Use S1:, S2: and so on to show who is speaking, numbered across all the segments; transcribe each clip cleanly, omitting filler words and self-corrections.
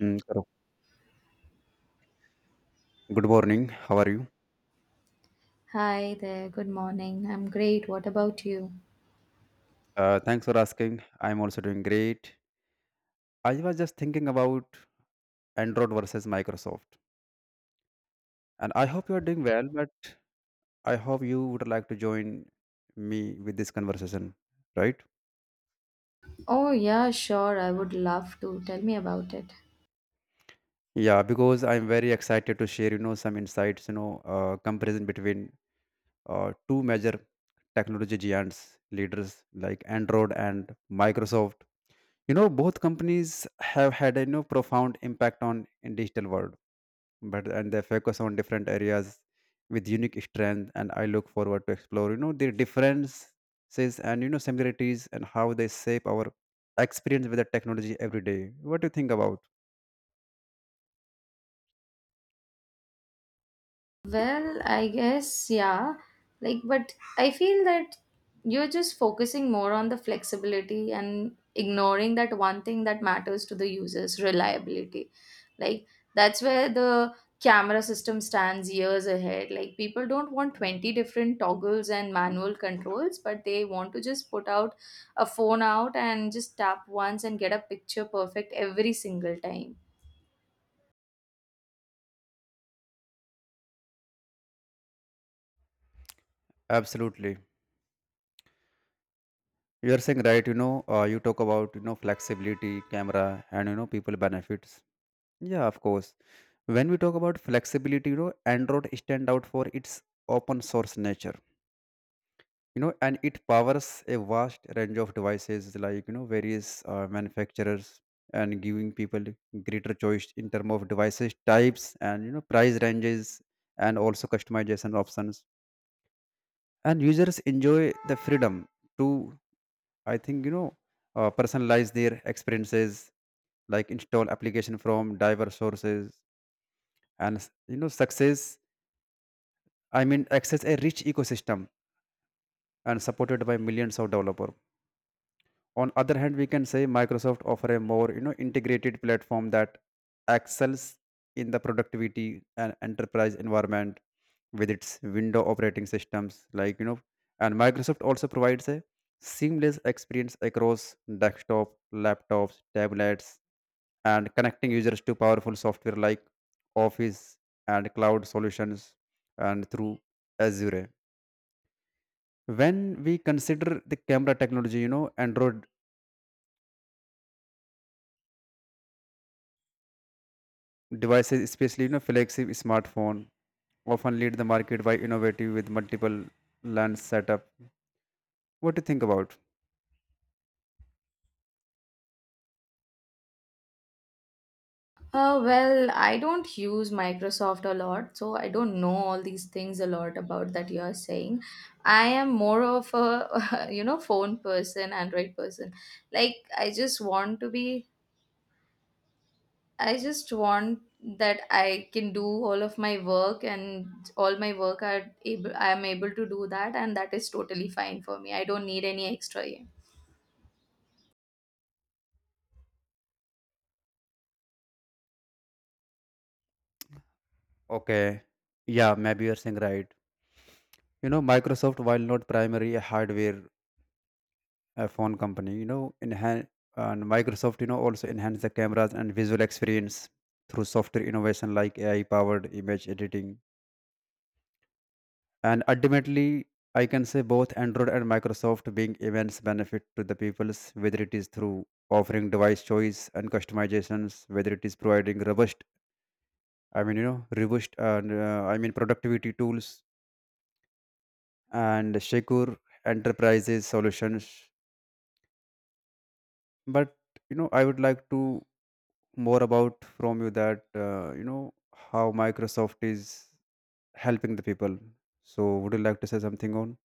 S1: Karo, good morning. How are you?
S2: Hi there, good morning. I'm great. What about you?
S1: Thanks for asking. I'm also doing great. I was just thinking about Android versus Microsoft, and I hope you are doing well. But I hope you would like to join me with this conversation, right?
S2: Oh, yeah, sure. I would love to. Tell me about it.
S1: Yeah, because I'm very excited to share, some insights, comparison between two major technology giants leaders like Android and Microsoft. You know, both companies have had a profound impact on in digital world but and they focus on different areas with unique strength, and I look forward to explore, you know, the differences and, you know, similarities, and how they shape our experience with the technology every day. What do you think about?
S2: Well, I guess, yeah. Like, but I feel that you're just focusing more on the flexibility and ignoring that one thing that matters to the users reliability. Like, that's where the camera system stands years ahead. Like, people don't want 20 different toggles and manual controls, but they want to just put out a phone out and just tap once and get a picture perfect every single time.
S1: Absolutely, you are saying right. You talk about, you know, flexibility, camera, and people benefits. Yeah, of course. When we talk about flexibility, you know, Android stand out for its open source nature, you know, and it powers a vast range of devices like, you know, various manufacturers and giving people greater choice in terms of devices types and, you know, price ranges and also customization options, and users enjoy the freedom to, I think you know personalize their experiences, like install application from diverse sources and success, I mean access a rich ecosystem and supported by millions of developers. On other hand, we can say Microsoft offer a more, you know, integrated platform that excels in the productivity and enterprise environment with its window operating systems, and Microsoft also provides a seamless experience across desktop, laptops, tablets, and connecting users to powerful software like Office and cloud solutions and through Azure. When we consider the camera technology, you know, Android devices, especially, you know, flagship smartphone, often lead the market by innovative with multiple lens setup. What do you think about?
S2: Well, I don't use Microsoft a lot, so I don't know all these things a lot about that you are saying. I am more of a, you know, phone person, Android person. Like, I just want that I can do all of my work and all my work are able, I am able to do that, and that is totally fine for me. I don't need any extra.
S1: Okay. Yeah, maybe you're saying right. You know, Microsoft, while not primary a hardware phone company, you know, enhance, and Microsoft, you know, also enhance the cameras and visual experience through software innovation like AI powered image editing. And ultimately, I can say both Android and Microsoft being immense benefit to the peoples, whether it is through offering device choice and customizations, whether it is providing robust, I mean, you know, robust and, I mean, productivity tools and secure enterprises solutions. But you know, I would like to more about from you that, how Microsoft is helping the people. So would you like to say something on?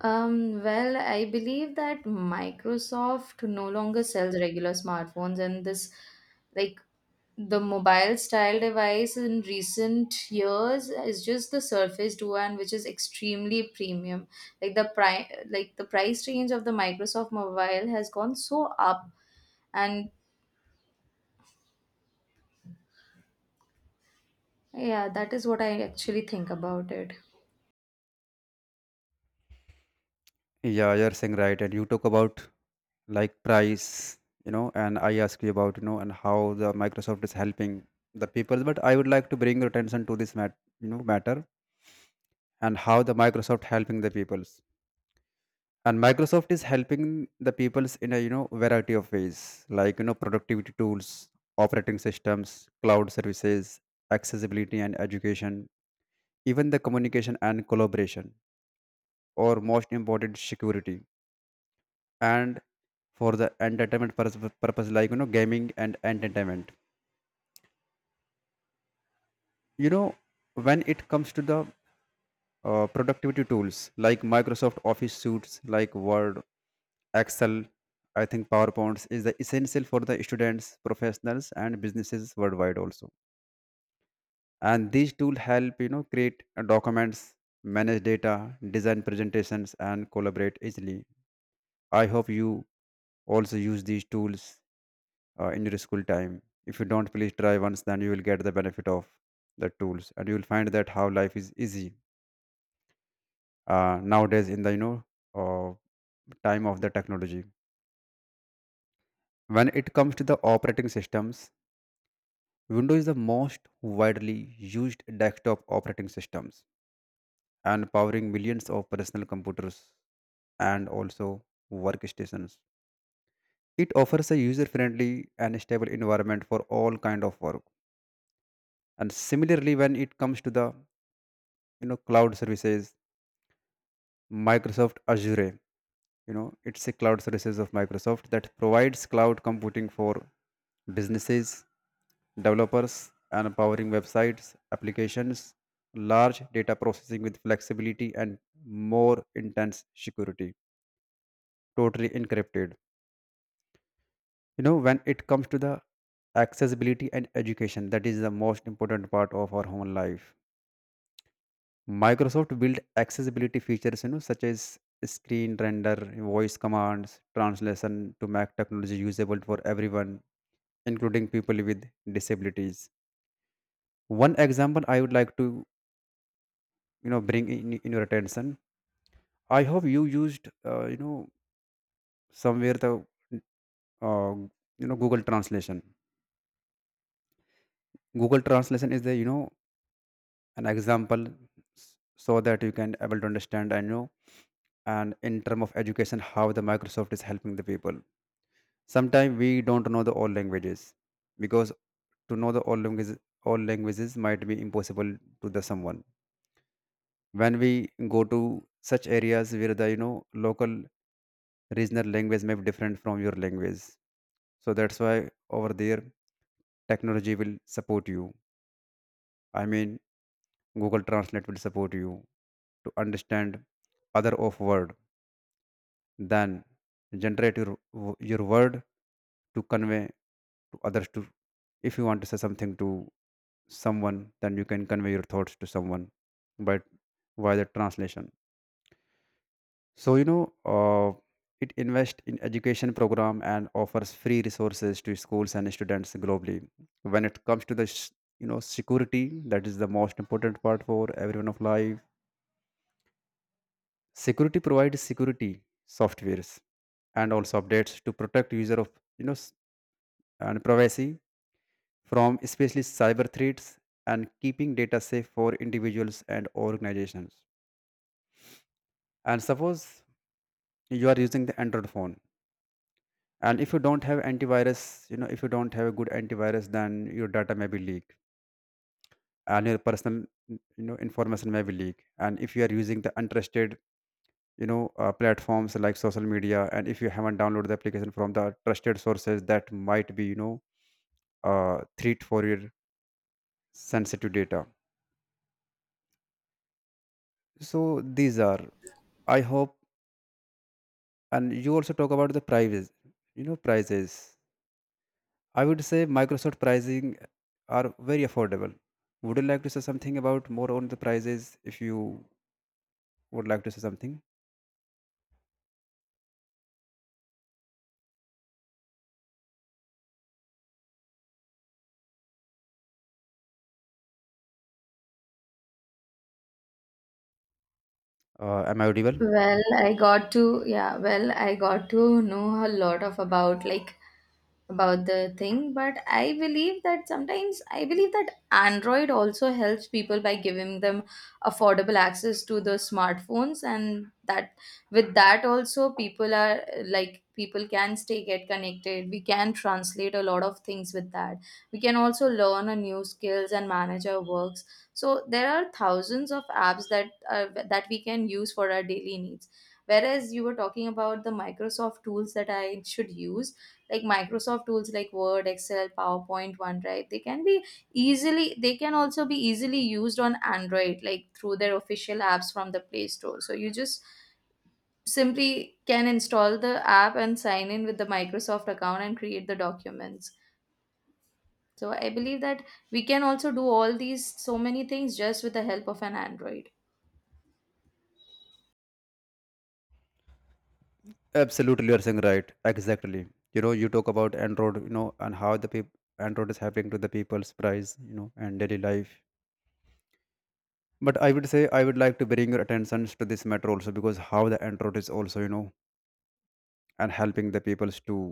S2: Well, I believe that Microsoft no longer sells regular smartphones, and like, the mobile style device in recent years is just the Surface Duo, and which is extremely premium. Like the price range of the Microsoft mobile has gone so up, and yeah, that is what I actually think about it.
S1: Yeah, you're saying right. And you talk about like price, you know, and I ask you about, you know, and how the Microsoft is helping the people. But I would like to bring your attention to this matter and how the Microsoft helping the peoples. And Microsoft is helping the peoples in a, you know, variety of ways, like, you know, productivity tools, operating systems, cloud services, accessibility and education, even the communication and collaboration, or most important, security. And for the purpose like, you know, gaming and entertainment, you know, when it comes to the productivity tools like Microsoft Office suites like Word, Excel, I think PowerPoints is the essential for the students, professionals, and businesses worldwide also. And these tools help, you know, create documents, manage data, design presentations, and collaborate easily. I hope you also use these tools in your school time. If you don't, please try once, then you will get the benefit of the tools, and you will find that how life is easy nowadays in the, uh, time of the technology. When it comes to the operating systems, Windows is the most widely used desktop operating systems and powering millions of personal computers and also workstations. It offers a user-friendly and stable environment for all kind of work. And similarly, when it comes to the, you know, cloud services, Microsoft Azure. You know, it's a cloud services of Microsoft that provides cloud computing for businesses, developers, and powering websites, applications, large data processing with flexibility and more intense security, totally encrypted. You know, when it comes to the accessibility and education, that is the most important part of our human life. Microsoft built accessibility features, you know, such as screen render, voice commands, translation to make technology usable for everyone, including people with disabilities. One example I would like to, you know, bring in your attention. I hope you used, somewhere the, uh, Google Translation. Google Translation is the, you know, an example so that you can able to understand and, you know, and in term of education, how the Microsoft is helping the people. Sometimes we don't know the all languages, because to know the all languages, all languages might be impossible to the someone. When we go to such areas where the, you know, local regional language may be different from your language, so that's why over there technology will support you, I mean, Google Translate will support you to understand other of word, then generate your word to convey to others to, if you want to say something to someone, then you can convey your thoughts to someone, but via the translation. So you know, uh, it invests in education program and offers free resources to schools and students globally. When it comes to the security, that is the most important part for everyone of life. Security provides security softwares and also updates to protect user of, you know s- and privacy from especially cyber threats, and keeping data safe for individuals and organizations. And suppose you are using the Android phone, and if you don't have antivirus, you know, if you don't have a good antivirus, then your data may be leaked, and your personal, you know, information may be leaked. And if you are using the untrusted, platforms like social media, and if you haven't downloaded the application from the trusted sources, that might be, threat for your sensitive data. So these are, I hope. And you also talk about the prices. You know, prices. I would say Microsoft pricing are very affordable. Would you like to say something about more on the prices if you would like to say something? Am I audible?
S2: Well, I got to know a lot of about about the thing, but I believe that Android also helps people by giving them affordable access to the smartphones, and that with that also people are like people can stay get connected. We can translate a lot of things with that. We can also learn a new skills and manage our works. So there are thousands of apps that we can use for our daily needs. Whereas you were talking about the Microsoft tools that I should use, like Microsoft tools like Word, Excel, PowerPoint, OneDrive, they can also be easily used on Android, like through their official apps from the Play Store. So you just simply can install the app and sign in with the Microsoft account and create the documents. So I believe that we can also do all these so many things just with the help of an Android.
S1: Absolutely, you are saying right. Exactly. You know, you talk about Android, you know, and how the people Android is happening to the people's price, you know, and daily life. But I would say I would like to bring your attention to this matter also, because how the Android is also, you know, and helping the peoples to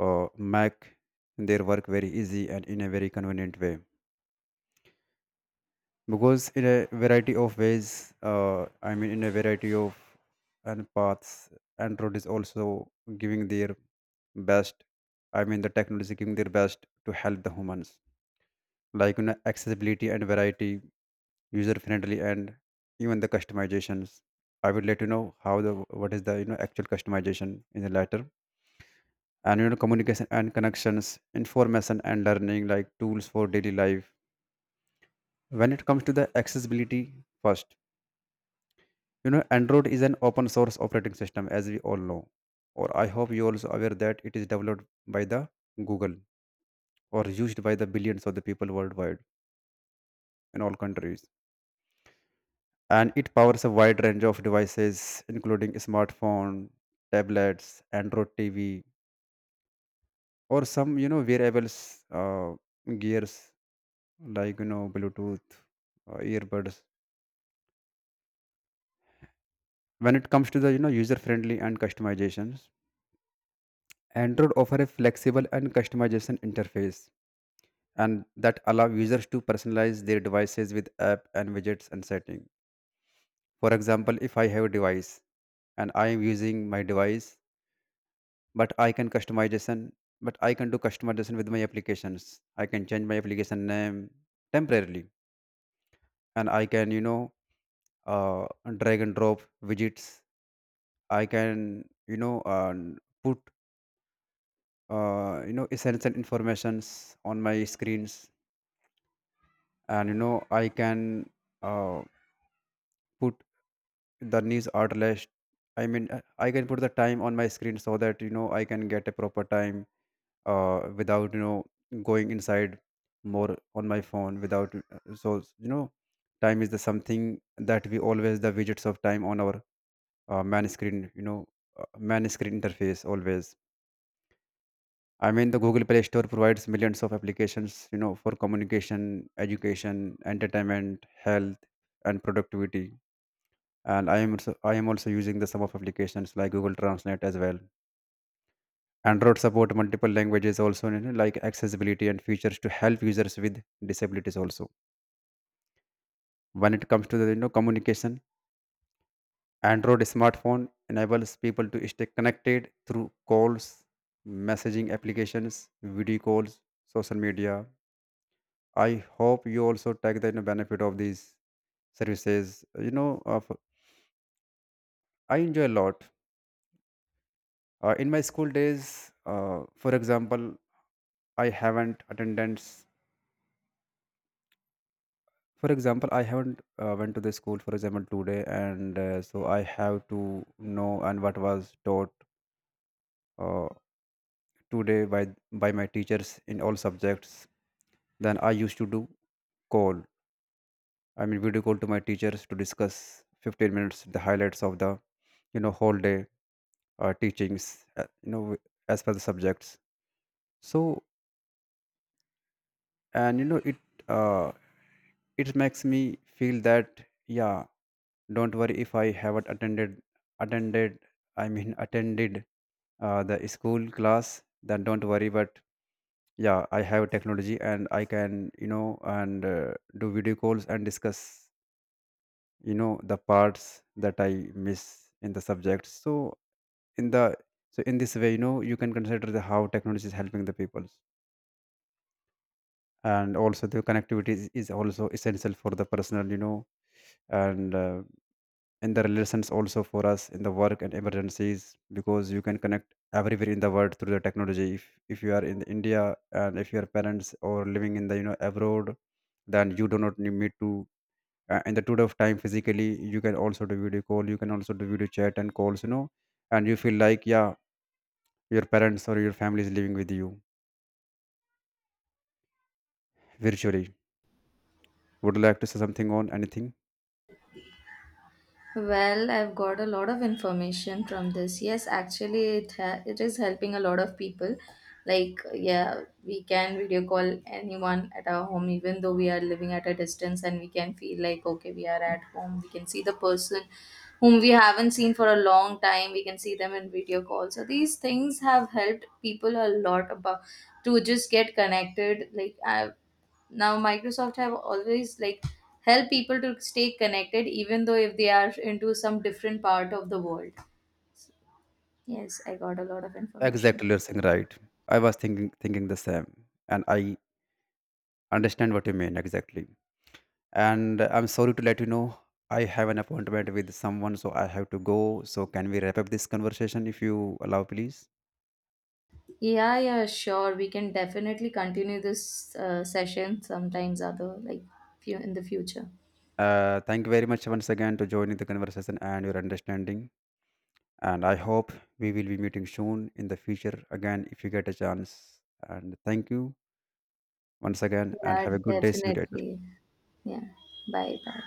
S1: make their work very easy and in a very convenient way, because in a variety of ways, in a variety of and paths, Android is also giving their best, I mean the technology giving their best to help the humans, like you know, accessibility and variety, user friendly, and even the customizations. I would let you know how the, what is the, you know, actual customization in the latter, and you know, communication and connections, information and learning, like tools for daily life. When it comes to the accessibility, first, you know, Android is an open source operating system, as we all know, or I hope you also aware that it is developed by the Google, or used by the billions of the people worldwide, in all countries. And it powers a wide range of devices, including smartphone, tablets, Android TV, or some, you know, wearables, uh, gears, like, you know, Bluetooth earbuds. When it comes to the, you know, user friendly and customizations, Android offer a flexible and customization interface, and that allow users to personalize their devices with app and widgets and setting. For example, if I have a device and I am using my device, but I can do customization with my applications. I can change my application name temporarily, and I can, uh, drag and drop widgets. I can, put, essential informations on my screens, and you know, I can uh, put the news outlets. I mean, I can put the time on my screen so that, you know, I can get a proper time without, you know, going inside more on my phone without so you know time is the something that we always the widgets of time on our man screen, you know, man screen interface always. I mean, the Google Play Store provides millions of applications, you know, for communication, education, entertainment, health, and productivity. And I am also using the some of applications like Google Translate as well. Android support multiple languages also, you know, like accessibility and features to help users with disabilities also. When it comes to the, you know, communication, Android smartphone enables people to stay connected through calls, messaging applications, video calls, social media. I hope you also take the, you know, benefit of these services. You know, I enjoy a lot. In my school days, for example, I haven't attendance. For example, I haven't went to the school, for example, today, and so I have to know and what was taught uh, today by my teachers in all subjects. Then I used to do call, I mean, video call to my teachers to discuss 15 minutes the highlights of the, you know, whole day teachings, as per the subjects. So and you know it, uh, it makes me feel that, yeah, don't worry if I haven't attended attended I mean attended the school class, then don't worry. But yeah, I have technology, and I can, you know, and do video calls and discuss, you know, the parts that I miss in the subject. So in the so in this way, you know, you can consider the how technology is helping the people. And also the connectivity is also essential for the personal, you know, and in the relations also for us in the work and emergencies, because you can connect everywhere in the world through the technology. If you are in India, and if your parents or living in the, you know, abroad, then you do not need me to in the tour of time physically. You can also do video call, you can also do video chat and calls, you know, and you feel like, yeah, your parents or your family is living with you virtually. Would you like to say something on anything?
S2: Well, I've got a lot of information from this. Yes, actually, it is helping a lot of people. Like, yeah, we can video call anyone at our home, even though we are living at a distance, and we can feel like okay, we are at home. We can see the person whom we haven't seen for a long time. We can see them in video call. So these things have helped people a lot about to just get connected. Like, I Now Microsoft have always like help people to stay connected even though if they are into some different part of the world. Yes, I got a lot of information.
S1: Exactly, you're saying right. I was thinking the same, and I understand what you mean exactly. And I'm sorry to let you know I have an appointment with someone, so I have to go. So can we wrap up this conversation if you allow, please?
S2: Yeah, yeah, sure, we can definitely continue this session sometimes other, like few in the future.
S1: Thank you very much once again to joining the conversation and your understanding. And I hope we will be meeting soon in the future again if you get a chance. And thank you once again, and
S2: Yeah,
S1: have a good day. See you later.
S2: definitely. Yeah. Bye bye.